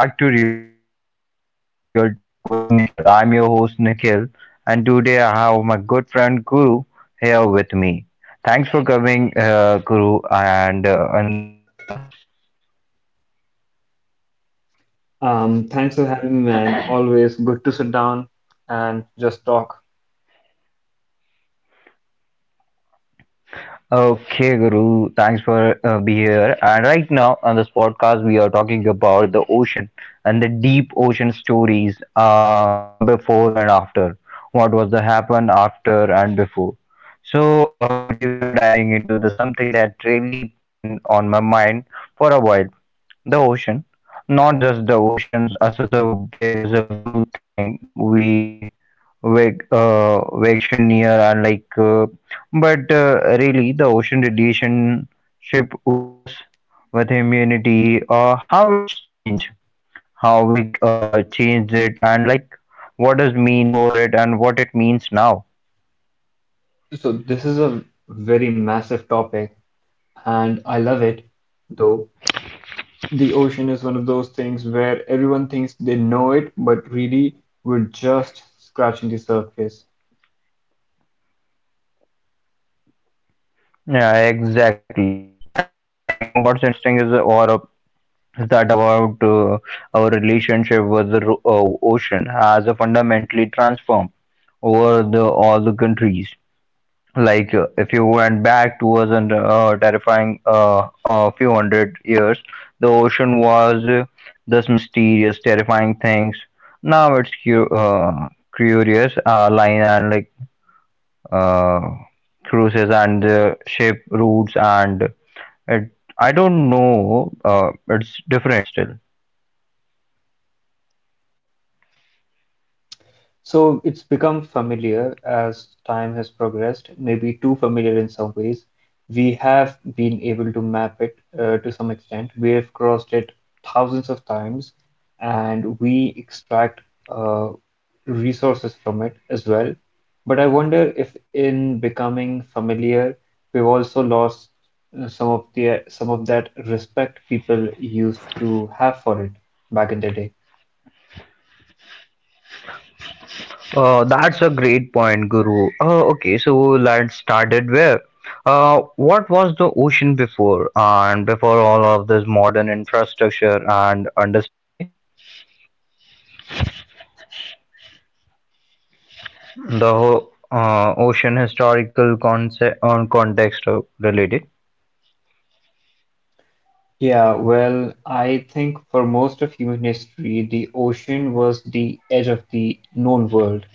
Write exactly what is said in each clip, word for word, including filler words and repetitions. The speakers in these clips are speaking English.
Hello everyone and welcome back to Real Talk with Nikhil. I'm your host Nikhil and today I have my good friend Guru here with me. Thanks for coming uh, Guru and uh, on this podcast. Um, thanks for having me, man. Always good to sit down and just talk. Okay, Guru, thanks for uh, be here. And right now on this podcast, we are talking about the ocean and the deep ocean stories uh, before and after. What was the happen after and before? So uh, today we are diving into the something that really been on my mind for a while. The ocean, not just the oceans as such a big as a blue thing we vac- uh, vacation near and like, uh, but uh, really the ocean relationship with us, with humanity, uh, how it's changed, how we uh, changed it, and like what does mean before it and what it means now. So this is a very massive topic, and I love it. Though the ocean is one of those things where everyone thinks they know it, but really we're just scratching the surface. Yeah, exactly. And I think what's interesting is, or that about uh, our relationship with the ro- uh, ocean has fundamentally transformed over the all the countries. Like uh, if you went back to us and uh, terrifying uh, a few hundred years, the ocean was uh, this mysterious, terrifying things. Now it's cu- uh, curious uh, line and like uh, cruises and uh, ship routes and it. I don't know. Uh, it's different still. So it's become familiar as time has progressed, maybe too familiar in some ways. We have been able to map it uh, to some extent. We have crossed it thousands of times, and we extract uh, resources from it as well. But I wonder if, in becoming familiar, we've also lost uh, some of the some of that respect people used to have for it back in the day. Uh, that's a great point, Guru. Uh, okay, so let's started where? Uh, what was the ocean before and before all of this modern infrastructure and understanding? The whole uh, ocean historical concept on context uh, related. Yeah, well, I think for most of human history, the ocean was the edge of the known world.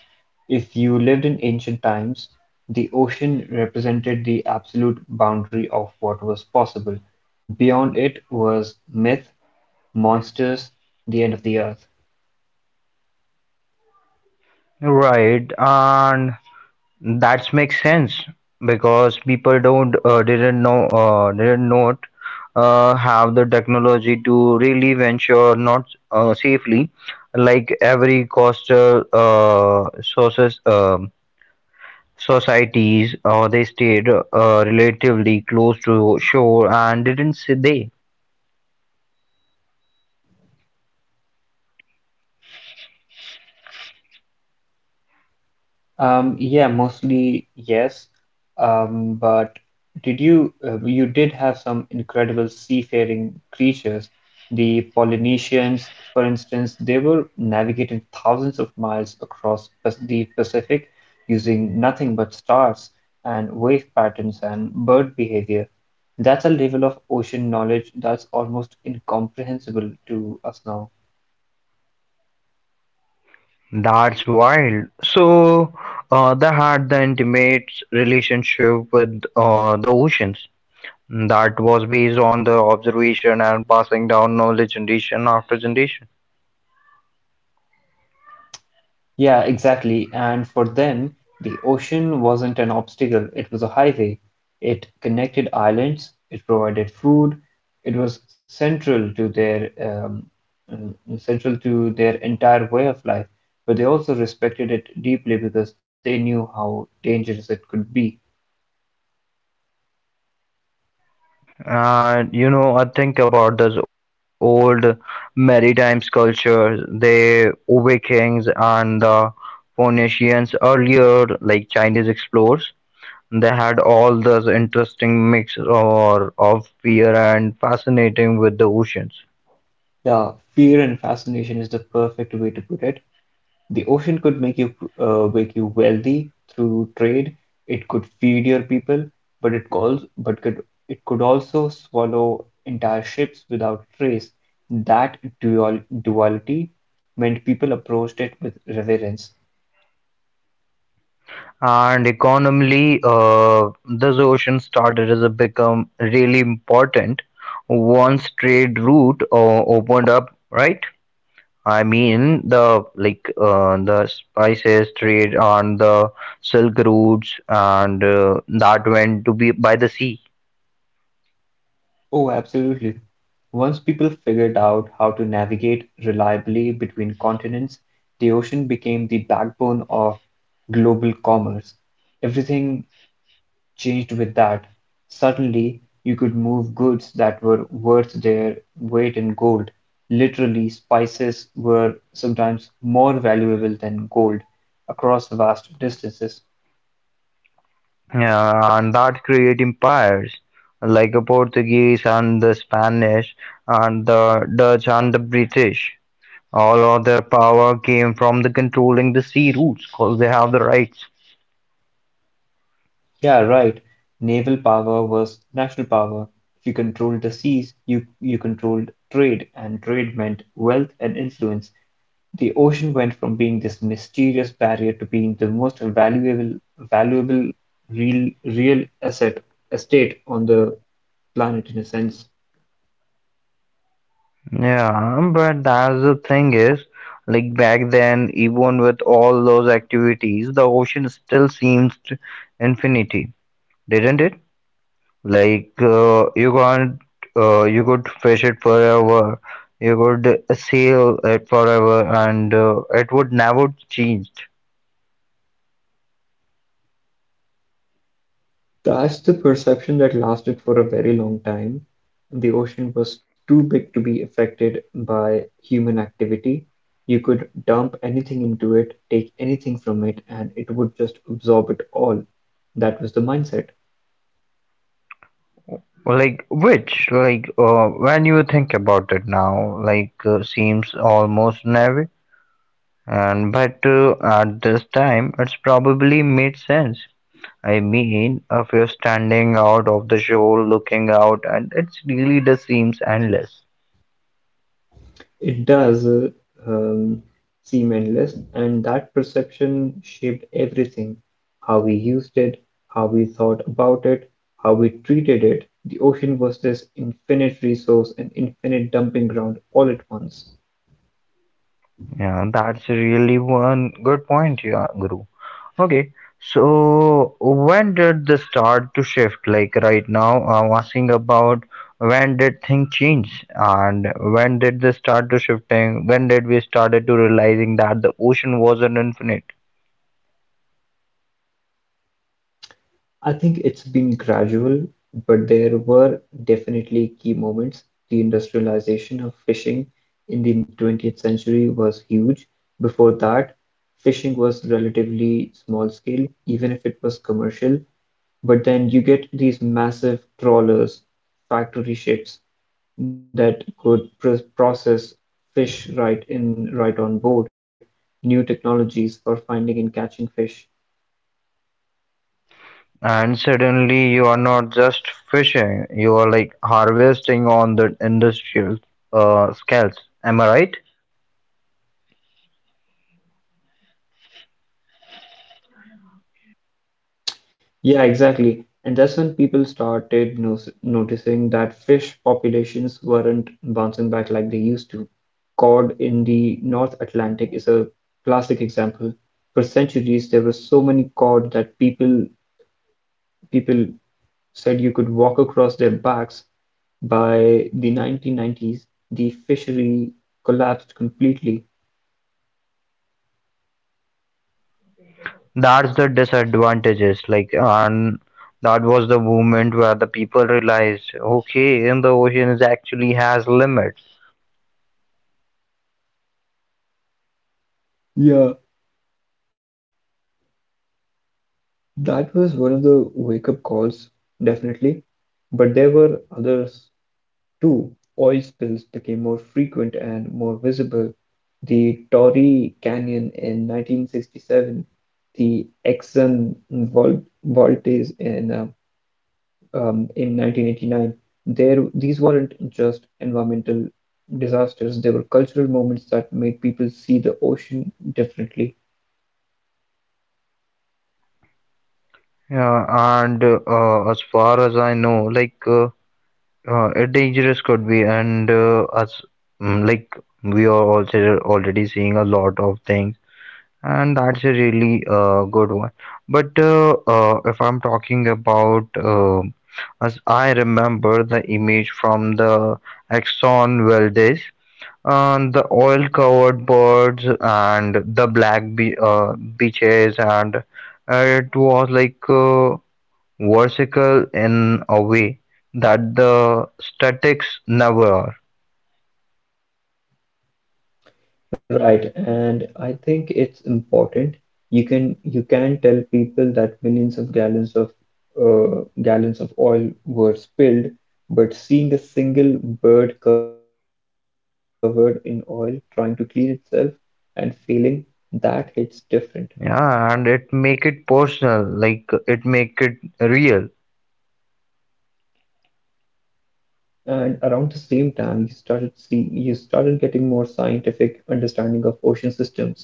If you lived in ancient times, the ocean represented the absolute boundary of what was possible. Beyond it was myth, monsters, the end of the earth. Right, and that makes sense because people don't uh, didn't know uh, didn't not uh, have the technology to really venture not uh, safely like every coastal uh, sources um societies or they stayed uh, relatively close to shore and didn't see they Um, yeah, mostly yes. Um, but did you uh, you did have some incredible seafaring creatures. The Polynesians, for instance, they were navigating thousands of miles across Pas- the Pacific using nothing but stars and wave patterns and bird behavior. That's a level of ocean knowledge that's almost incomprehensible to us now. that's wild so uh, they had the intimate relationship with uh, the oceans that was based on the observation and passing down knowledge generation after generation. Yeah, exactly. And for them, the ocean wasn't an obstacle, it was a highway. It connected islands, it provided food, it was central to their um, mm, central to their entire way of life. But they also respected it deeply because they knew how dangerous it could be. And you know, I think about this old maritime culture, the Vikings and the Phoenicians earlier, like Chinese explorers. They had all this interesting mix or of fear and fascinating with the oceans. The fear and fascination is the perfect way to put it. The ocean could make you uh, make you wealthy through trade. It could feed your people, but it calls but could it could also swallow entire ships without trace. That dual duality meant people approached it with reverence. And economically, uh, this ocean started to become really important once trade route uh, opened up, right? I mean the like uh, the spices trade on the Silk routes, and uh, that went to be by the sea, Oh, absolutely. Once people figured out how to navigate reliably between continents, the ocean became the backbone of global commerce. Everything changed with that. Suddenly you could move goods that were worth their weight in gold. Literally, spices were sometimes more valuable than gold across vast distances. yeah, and that create empires like the Portuguese and the Spanish and the Dutch and the British. All of their power came from the controlling the sea routes because they have the rights. Yeah, right. Naval power was national power. If you controlled the seas, you, you controlled trade, and trade meant wealth and influence. The ocean went from being this mysterious barrier to being the most valuable valuable real real asset estate on the planet in a sense. Yeah, but that's the thing is, like back then, even with all those activities, the ocean still seems to infinity, didn't it? Like uh, you can't, uh, you could fish it forever, you could sail it forever, and uh, it would never change. That's the perception that lasted for a very long time. The ocean was too big to be affected by human activity. You could dump anything into it, take anything from it, and it would just absorb it all. That was the mindset. Like which, like uh, when you think about it now, like uh, seems almost naive, and but uh, at this time it's probably made sense. I mean, if you're standing out of the show, looking out, and it's really just seems endless. It does uh, um, seem endless, and that perception shaped everything: how we used it, how we thought about it, how we treated it. The ocean was this infinite resource and infinite dumping ground all at once. Yeah, that's really one good point, yeah, Guru. Okay, so when did this start to shift? Like right now, I'm asking about when did things change and when did this start to shifting? When did we started to realizing that the ocean wasn't infinite? I think it's been gradual, but there were definitely key moments. The industrialization of fishing in the twentieth century was huge. Before that, fishing was relatively small scale, even if it was commercial. But then you get these massive trawlers, factory ships that could pr process fish right in right on board, new technologies for finding and catching fish. And suddenly you are not just fishing, you are like harvesting on the industrial uh, scales. Am I right? Yeah, exactly. And that's when people started no noticing that fish populations weren't bouncing back like they used to. Cod in the North Atlantic is a classic example. For centuries, there were so many cod that people people said you could walk across their backs. By the nineteen nineties, the fishery collapsed completely. That's the disadvantages. Like, and that was the moment where the people realized, okay, in the ocean is actually has limits. Yeah, that was one of the wake-up calls, definitely. But there were others. Two oil spills became more frequent and more visible: the Torrey Canyon in nineteen sixty-seven, the Exxon Val- Valdez in uh, um, in nineteen eighty-nine. There, these weren't just environmental disasters; they were cultural moments that made people see the ocean differently. Yeah, and uh, as far as I know, like uh, uh, it dangerous could be, and uh, as mm, like we are also already seeing a lot of things. And that's a really uh, good one. But uh, uh, if I'm talking about, uh, as I remember the image from the Exxon Valdez, and the oil-covered birds and the black be uh, beaches, and uh, it was like uh, vertical in a way that the statics never are. Right, and I think it's important. You can you can tell people that millions of gallons of uh, gallons of oil were spilled, but seeing a single bird covered in oil trying to clean itself and failing, that hits different. Yeah, and it make it personal, like it make it real. And around the same time, you started see you started getting more scientific understanding of ocean systems.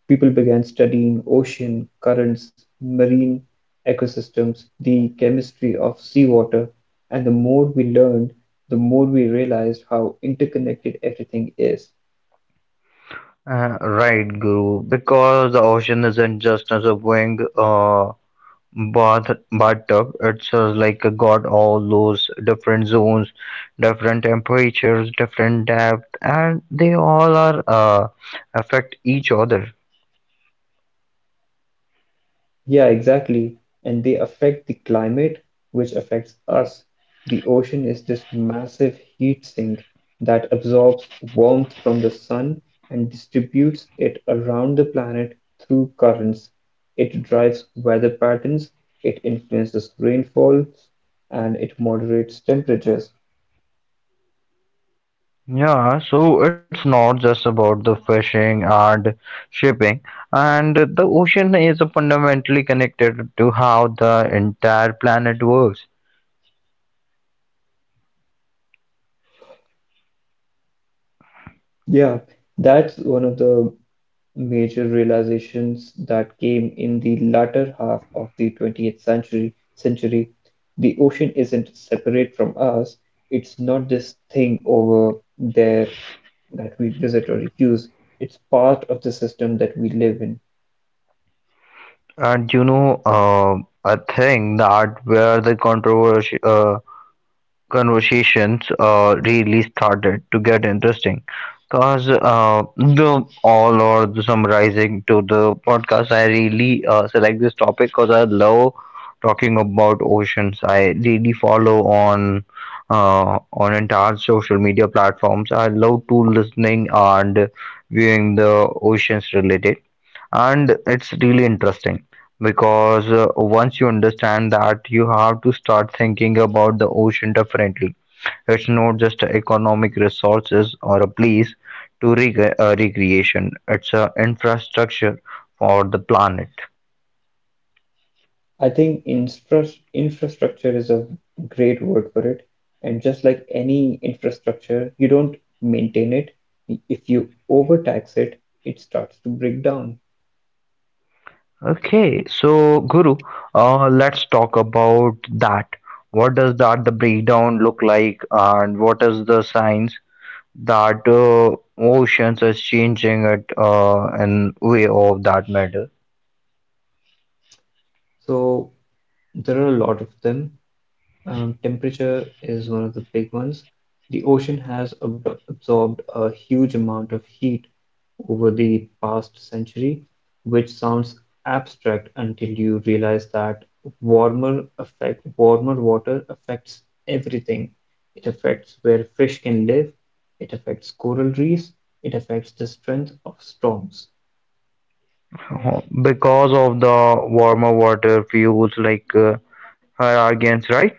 People began studying ocean currents, marine ecosystems, the chemistry of seawater, and the more we learned, the more we realized how interconnected everything is. Uh, right, Guru. Because the ocean isn't just as a wing uh, bath bathtub. It's uh, like a got all those different zones, different temperatures, different depth, and they all are uh, affect each other. Yeah, exactly. And they affect the climate, which affects us. The ocean is this massive heat sink that absorbs warmth from the sun and distributes it around the planet through currents. It drives weather patterns, it influences rainfall, and it moderates temperatures. Yeah, so it's not just about the fishing and shipping, and the ocean is fundamentally connected to how the entire planet works. Yeah, that's one of the major realizations that came in the latter half of the twentieth century century: the ocean isn't separate from us, it's not this thing over there that we visit or use, it's part of the system that we live in. And you know, uh, I think that where the controversy uh, conversations uh, really started to get interesting. Cause uh, The all or the summarizing to the podcast, I really uh, select this topic because I love talking about oceans. I really follow on uh, on entire social media platforms. I love to listening and viewing the oceans related and it's really interesting because uh, once you understand that you have to start thinking about the ocean differently. It's not just a economic resources or a place to rec- uh, recreation. It's a infrastructure for the planet. I think infra- infrastructure is a great word for it, and just like any infrastructure, you don't maintain it. If you overtax it, it starts to break down. Okay, so Guru, uh, let's talk about that. What does that the breakdown look like and what is the science that uh, oceans is changing it uh, in way of that matter? So there are a lot of them. Um, temperature is one of the big ones. The ocean has ab- absorbed a huge amount of heat over the past century, which sounds abstract until you realize that warmer affect warmer water affects everything. It affects where fish can live, it affects coral reefs, it affects the strength of storms. Because of the warmer water fuels like uh, hurricanes, right?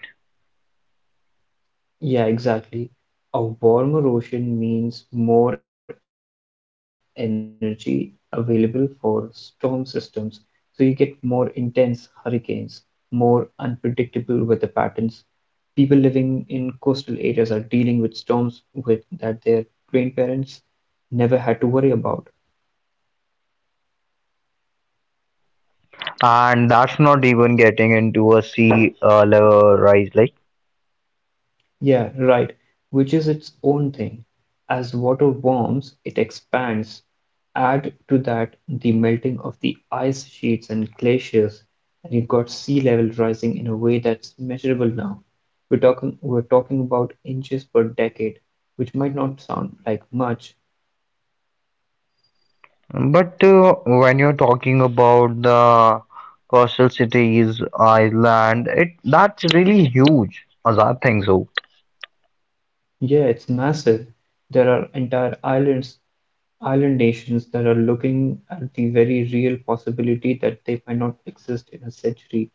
Yeah, exactly. A warmer ocean means more energy available for storm systems, so you get more intense hurricanes, more unpredictable weather patterns. People living in coastal areas are dealing with storms with that their grandparents never had to worry about. And that's not even getting into a sea uh, level rise like. Yeah, right. Which is its own thing. As water warms, it expands. Add to that the melting of the ice sheets and glaciers, and you've got sea level rising in a way that's measurable now. We're talking we're talking about inches per decade, which might not sound like much. But uh, when you're talking about the coastal cities island it that's really huge as I think so. Yeah, it's massive. There are entire islands island nations that are looking at the very real possibility that they might not exist in a century.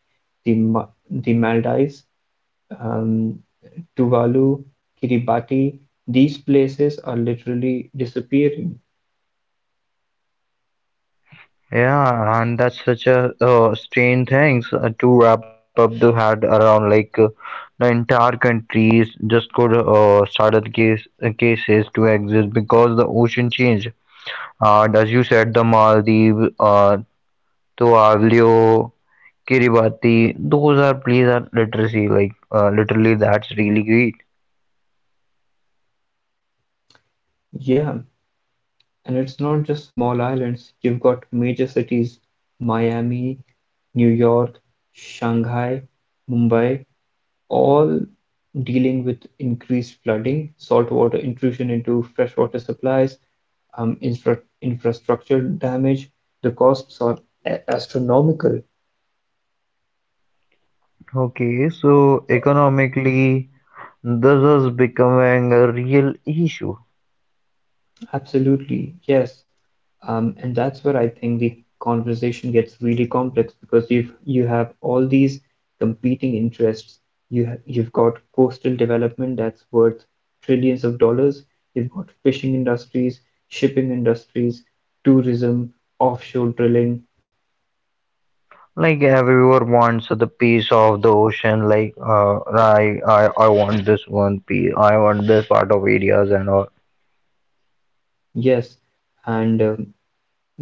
The, Ma- the Maldives, um, Tuvalu, Kiribati, these places are literally disappearing. Yeah, and that's such a uh, strange thing. So, Uh, to wrap up, they had around like uh, the entire countries just could uh, started case, uh, cases to exist because the ocean changed. And as you said, the Maldives, uh, Tuvalu, Kiribati, those are places that literacy like uh, literally that's really great. Yeah, and it's not just small islands. You've got major cities, Miami, New York, Shanghai, Mumbai, all dealing with increased flooding, saltwater intrusion into freshwater supplies, um, infra- infrastructure damage. The costs are astronomical. Okay, so economically, this is becoming a real issue. Absolutely, yes. Um, and that's where I think the conversation gets really complex because you've you have all these competing interests. You ha- you've got coastal development that's worth trillions of dollars. You've got fishing industries, shipping industries, tourism, offshore drilling. Like everyone wants the piece of the ocean. Like uh, I, I, I want this one piece. I want this part of areas and all. Yes, and um,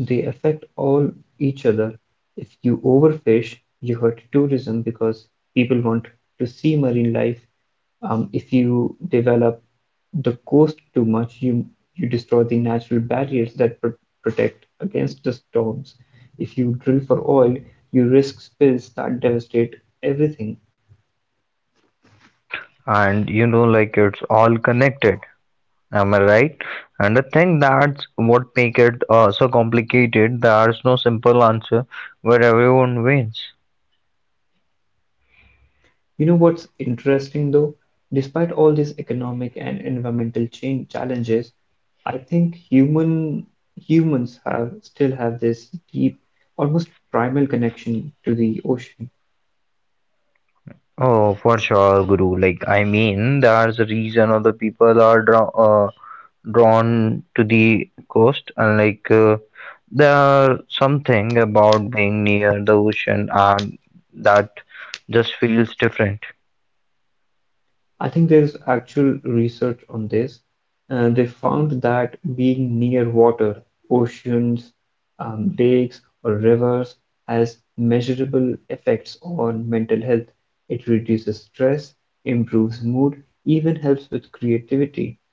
they affect all each other. If you overfish, you hurt tourism because people want to see marine life. Um, if you develop the coast too much, you you destroy the natural barriers that pr- protect against the storms. If you drill for oil, you risk spills that devastate everything. And you know, like it's all connected. Am I right? And I think that's what make it uh, so complicated. There's no simple answer where everyone wins. You know what's interesting though? Despite all these economic and environmental change challenges, I think human humans have still have this deep, almost primal connection to the ocean. Oh, for sure, Guru. Like I mean, there's a reason other people are draw, uh, drawn to the coast, and like. Uh, There's something about being near the ocean and that just feels different. I think there's actual research on this. Uh, they found that being near water, oceans, um, lakes, or rivers has measurable effects on mental health. It reduces stress, improves mood, even helps with creativity.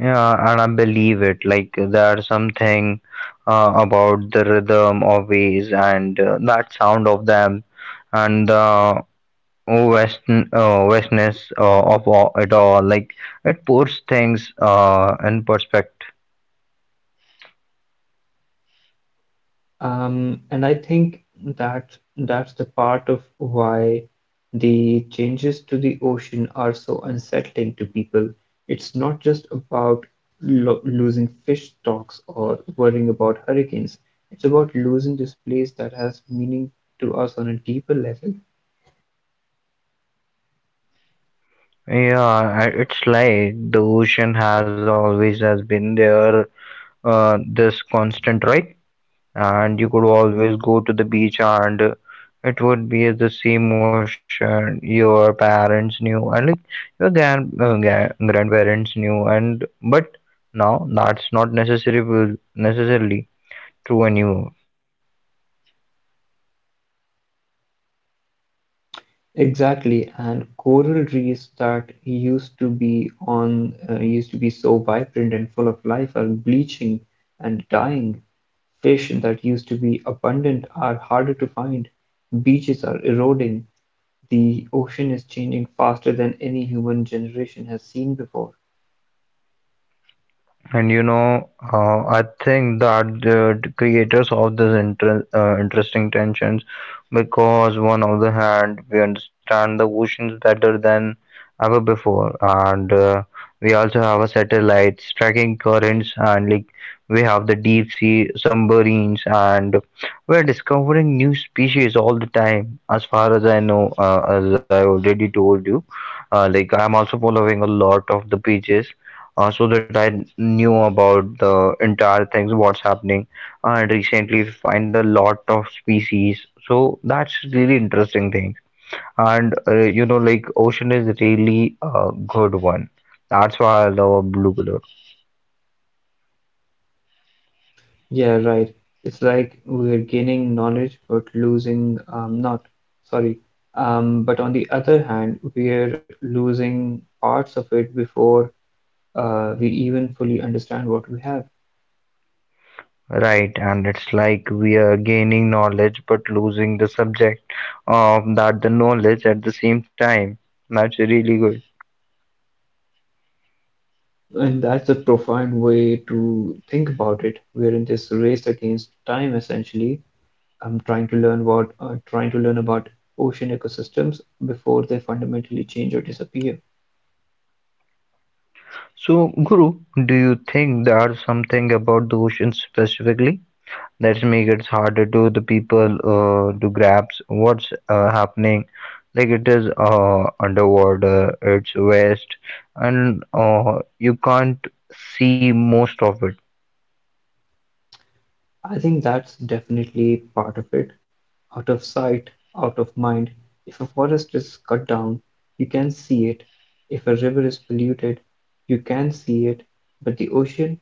Yeah, and I believe it. Like there's something uh, about the rhythm of waves and uh, that sound of them and the west uh, vastness uh, of all, it all. Like it puts things uh, in perspective. Um, and I think that that's the part of why the changes to the ocean are so unsettling to people. It's not just about lo losing fish stocks or worrying about hurricanes. It's about losing this place that has meaning to us on a deeper level. Yeah, i- it's like the ocean has always has been there. Uh, this constant, right? And you could always go to the beach and uh, it would be the same ocean your parents knew and like your grand, uh, gra- grandparents knew and but now that's not necessarily necessarily true anymore. Exactly, and coral reefs that used to be on uh, used to be so vibrant and full of life are bleaching and dying. Fish that used to be abundant are harder to find. Beaches are eroding. The ocean is changing faster than any human generation has seen before. And you know, uh, I think that the creators of this inter- uh, interesting tensions because one on the hand we understand the oceans better than ever before, and uh, we also have a satellites tracking currents, and like we have the deep sea submarines, and we're discovering new species all the time. As far as I know, uh, as I already told you, uh, like I'm also following a lot of the pages uh, so that I knew about the entire things, what's happening. And recently, find a lot of species. So that's really interesting thing. And uh, you know, like ocean is really a good one. That's why I love blue color. Yeah, right. It's like we're gaining knowledge but losing um, not. Sorry. Um, but on the other hand, we're losing parts of it before uh, we even fully understand what we have. Right, and it's like we are gaining knowledge but losing the subject of that the knowledge at the same time. That's really good. And that's a profound way to think about it. We're in this race against time, essentially. I'm trying to learn what, uh, trying to learn about ocean ecosystems before they fundamentally change or disappear. So, Guru, do you think there are something about the ocean specifically that's make it harder to the people uh, to grasp what's uh, happening? Like it is uh, underwater it's waste and uh, you can't see most of it. I think that's definitely part of it. Out of sight, out of mind. If a forest is cut down, you can see it. If a river is polluted, you can see it. But the ocean,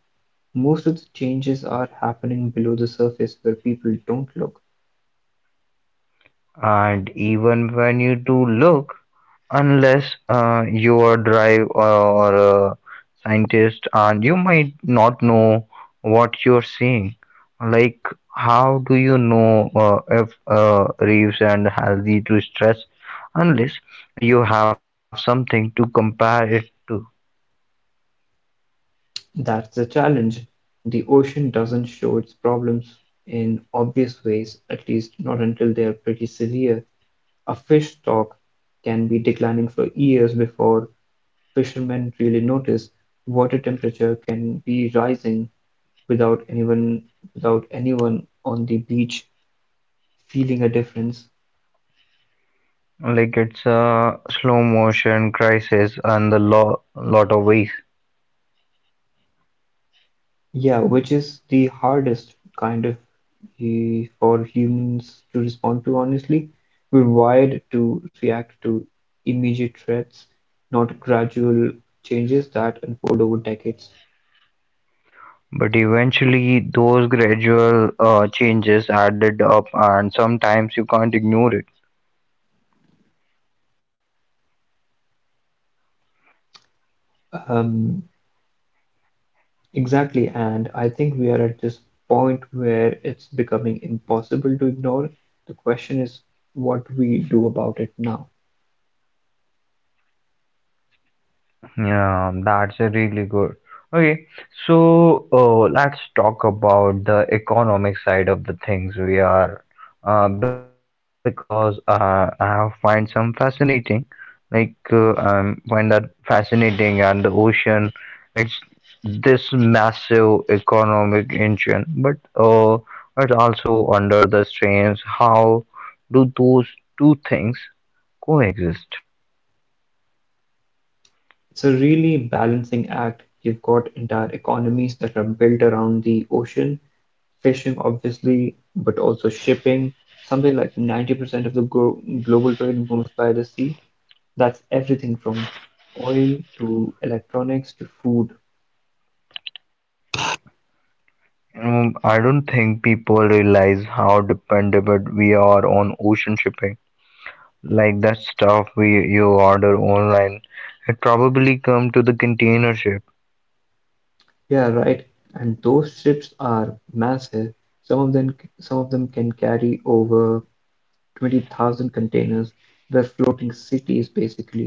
most of the changes are happening below the surface where people don't look. And even when you do look, unless uh, you are drive or, or a scientist and you might not know what you're seeing. Like how do you know uh, if uh, reefs and healthy to stress unless you have something to compare it to. That's the challenge. The ocean doesn't show its problems in obvious ways, at least not until they are pretty severe. A fish stock can be declining for years before fishermen really notice. Water temperature can be rising without anyone without anyone on the beach feeling a difference. Like it's a slow motion crisis and the law lot of ways. Yeah, which is the hardest kind of eh, for humans to respond to, honestly. We're wired to react to immediate threats, not gradual changes that unfold over decades. But eventually those gradual uh, changes added up and sometimes you can't ignore it. Um, exactly, and I think we are at this point where it's becoming impossible to ignore. The question is what we do about it now. Yeah, that's a really good. Okay, so uh, let's talk about the economic side of the things we are, uh, because uh, I have find some fascinating, like uh, I find that fascinating, and the ocean, it's this massive economic engine, but uh, it's also under the strains. How do those two things coexist? It's a really balancing act. You've got entire economies that are built around the ocean. Fishing obviously, but also shipping. Something like ninety percent of the glo- global trade moves by the sea. That's everything from oil to electronics to food. Um, I don't think people realize how dependable we are on ocean shipping. Like that stuff we you order online, it probably come to the container ship. Yeah, right. And those ships are massive. Some of them, some of them can carry over twenty thousand containers. They're floating cities basically,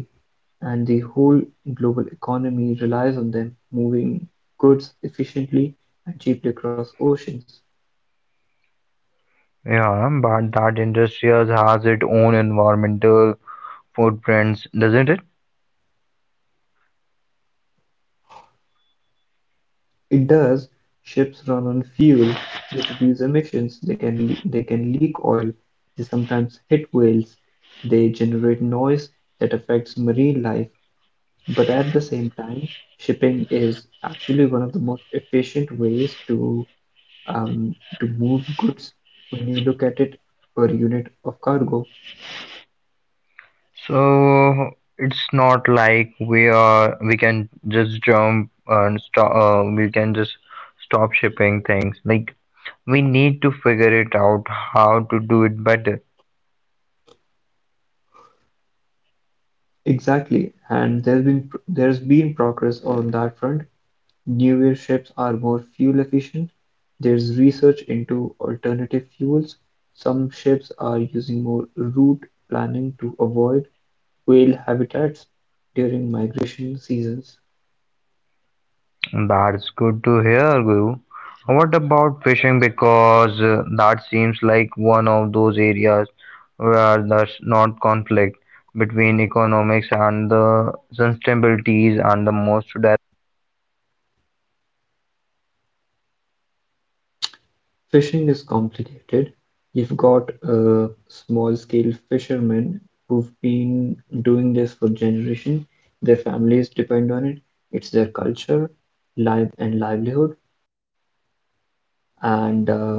and the whole global economy relies on them moving goods efficiently and cheaply across oceans. Yeah, but that industry has its own environmental footprints, doesn't it? It does. Ships run on fuel, they produce emissions, they can le they can leak oil, they sometimes hit whales, they generate noise that affects marine life. But at the same time, shipping is actually one of the most efficient ways to um, to move goods when you look at it per unit of cargo. So it's not like we are we can just jump and stop. Uh, we can just stop shipping things. Like we need to figure it out how to do it better. Exactly, and there's been pr- there's been progress on that front. Newer ships are more fuel-efficient, there is research into alternative fuels, some ships are using more route planning to avoid whale habitats during migration seasons. That's good to hear, Guru. What about fishing? Because uh, that seems like one of those areas where there's not conflict between economics and the sustainabilities and the most di-. Fishing is complicated. You've got uh, small-scale fishermen who've been doing this for generations. Their families depend on it. It's their culture, life, and livelihood. And um,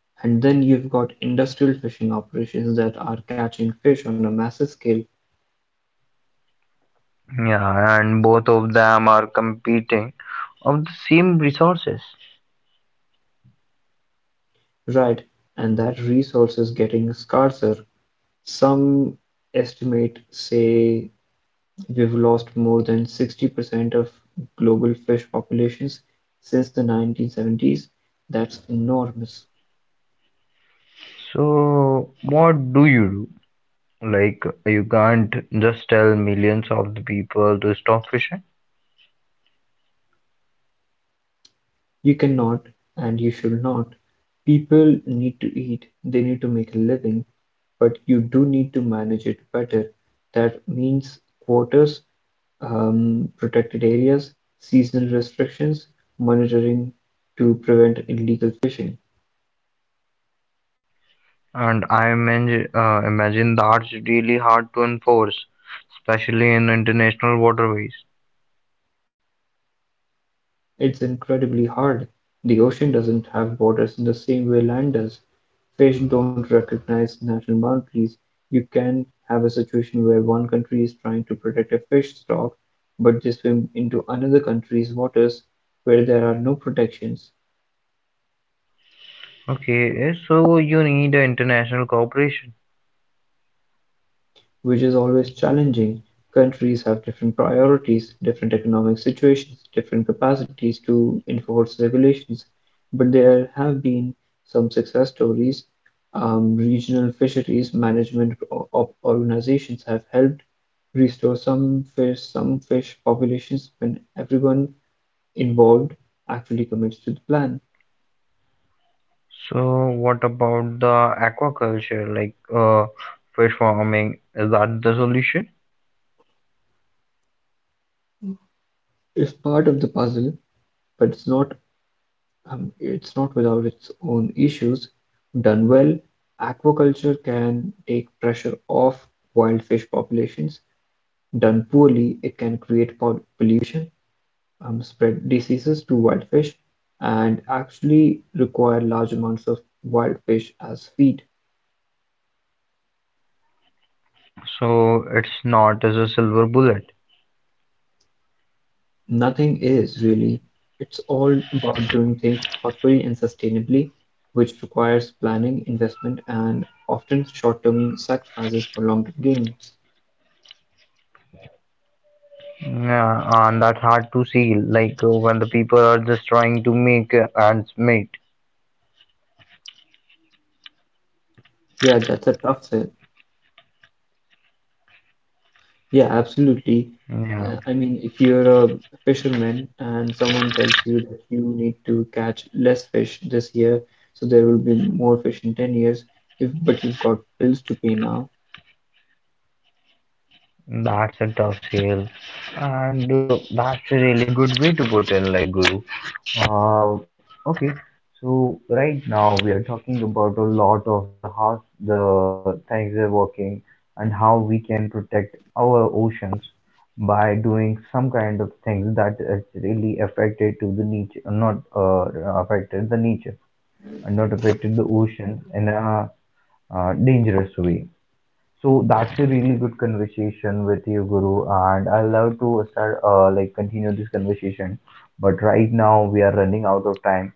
And then you've got industrial fishing operations that are catching fish on a massive scale, Yeah, and both of them are competing of the same resources. right? And that resource is getting scarcer. Some estimate say we've lost more than sixty percent of global fish populations since the nineteen seventies. That's enormous. So what do you do? Like you can't just tell millions of the people to stop fishing. You cannot, and you should not. People need to eat, they need to make a living, but you do need to manage it better. That means quotas, um, protected areas, seasonal restrictions, monitoring to prevent illegal fishing. And I imagine, uh, imagine that's really hard to enforce, especially in international waterways. It's incredibly hard. The ocean doesn't have borders in the same way land does. Fish don't recognize national boundaries. You can have a situation where one country is trying to protect a fish stock, but they swim into another country's waters where there are no protections. Okay, eh, so you need a international cooperation. Which is always challenging. Countries have different priorities, different economic situations, different capacities to enforce regulations. But there have been some success stories. Um, regional fisheries management o- o- organizations have helped restore some fish, some fish populations when everyone involved actually commits to the plan. So what about the aquaculture, like uh, fish farming? Is that the solution? It's part of the puzzle, but it's not um, it's not without its own issues. Done well, aquaculture can take pressure off wild fish populations. Done poorly, it can create pol- pollution, um, spread diseases to wild fish, and actually require large amounts of wild fish as feed. So it's not as a silver bullet. Nothing is really. It's all about doing things thoughtfully and sustainably, which requires planning, investment, and often short-term sacrifices for long-term gains. Yeah, and that's hard to see, like uh, when the people are just trying to make uh, ends meet. Yeah, that's a tough sell. Yeah, absolutely. Yeah. Uh, I mean, if you're a fisherman and someone tells you that you need to catch less fish this year, so there will be more fish in ten years, if but you've got bills to pay now. That's a tough sale, and uh, that's a really good way to put in, like Guru. Uh, okay, so right now we are talking about a lot of the how the things are working and how we can protect our oceans by doing some kind of things that is really affected to the nature, not uh, affected the nature and not affected the oceans in a uh, dangerous way. So that's a really good conversation with you, Guru, and I love to start uh, like continue this conversation. But right now we are running out of time,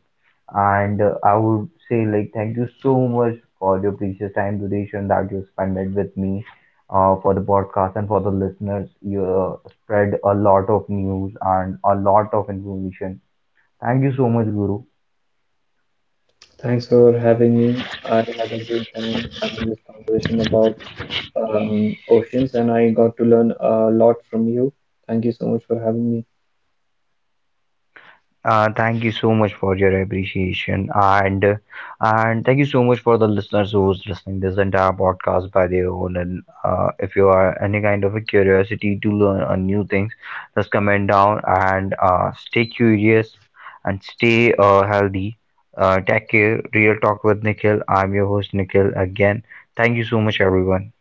and uh, I would say like thank you so much for your precious time, donation that you spent it with me, uh, for the podcast and for the listeners. You uh, spread a lot of news and a lot of information. Thank you so much, Guru. Thanks for having me. I had a great time having this conversation about um, oceans, and I got to learn a lot from you. Thank you so much for having me. Uh, thank you so much for your appreciation and uh, and thank you so much for the listeners who's listening this entire podcast by their own and uh, if you are any kind of a curiosity to learn on new things just comment down and uh, stay curious and stay uh, healthy. Uh, take care. Real Talk with Nikhil, I'm your host Nikhil again. Thank you so much everyone.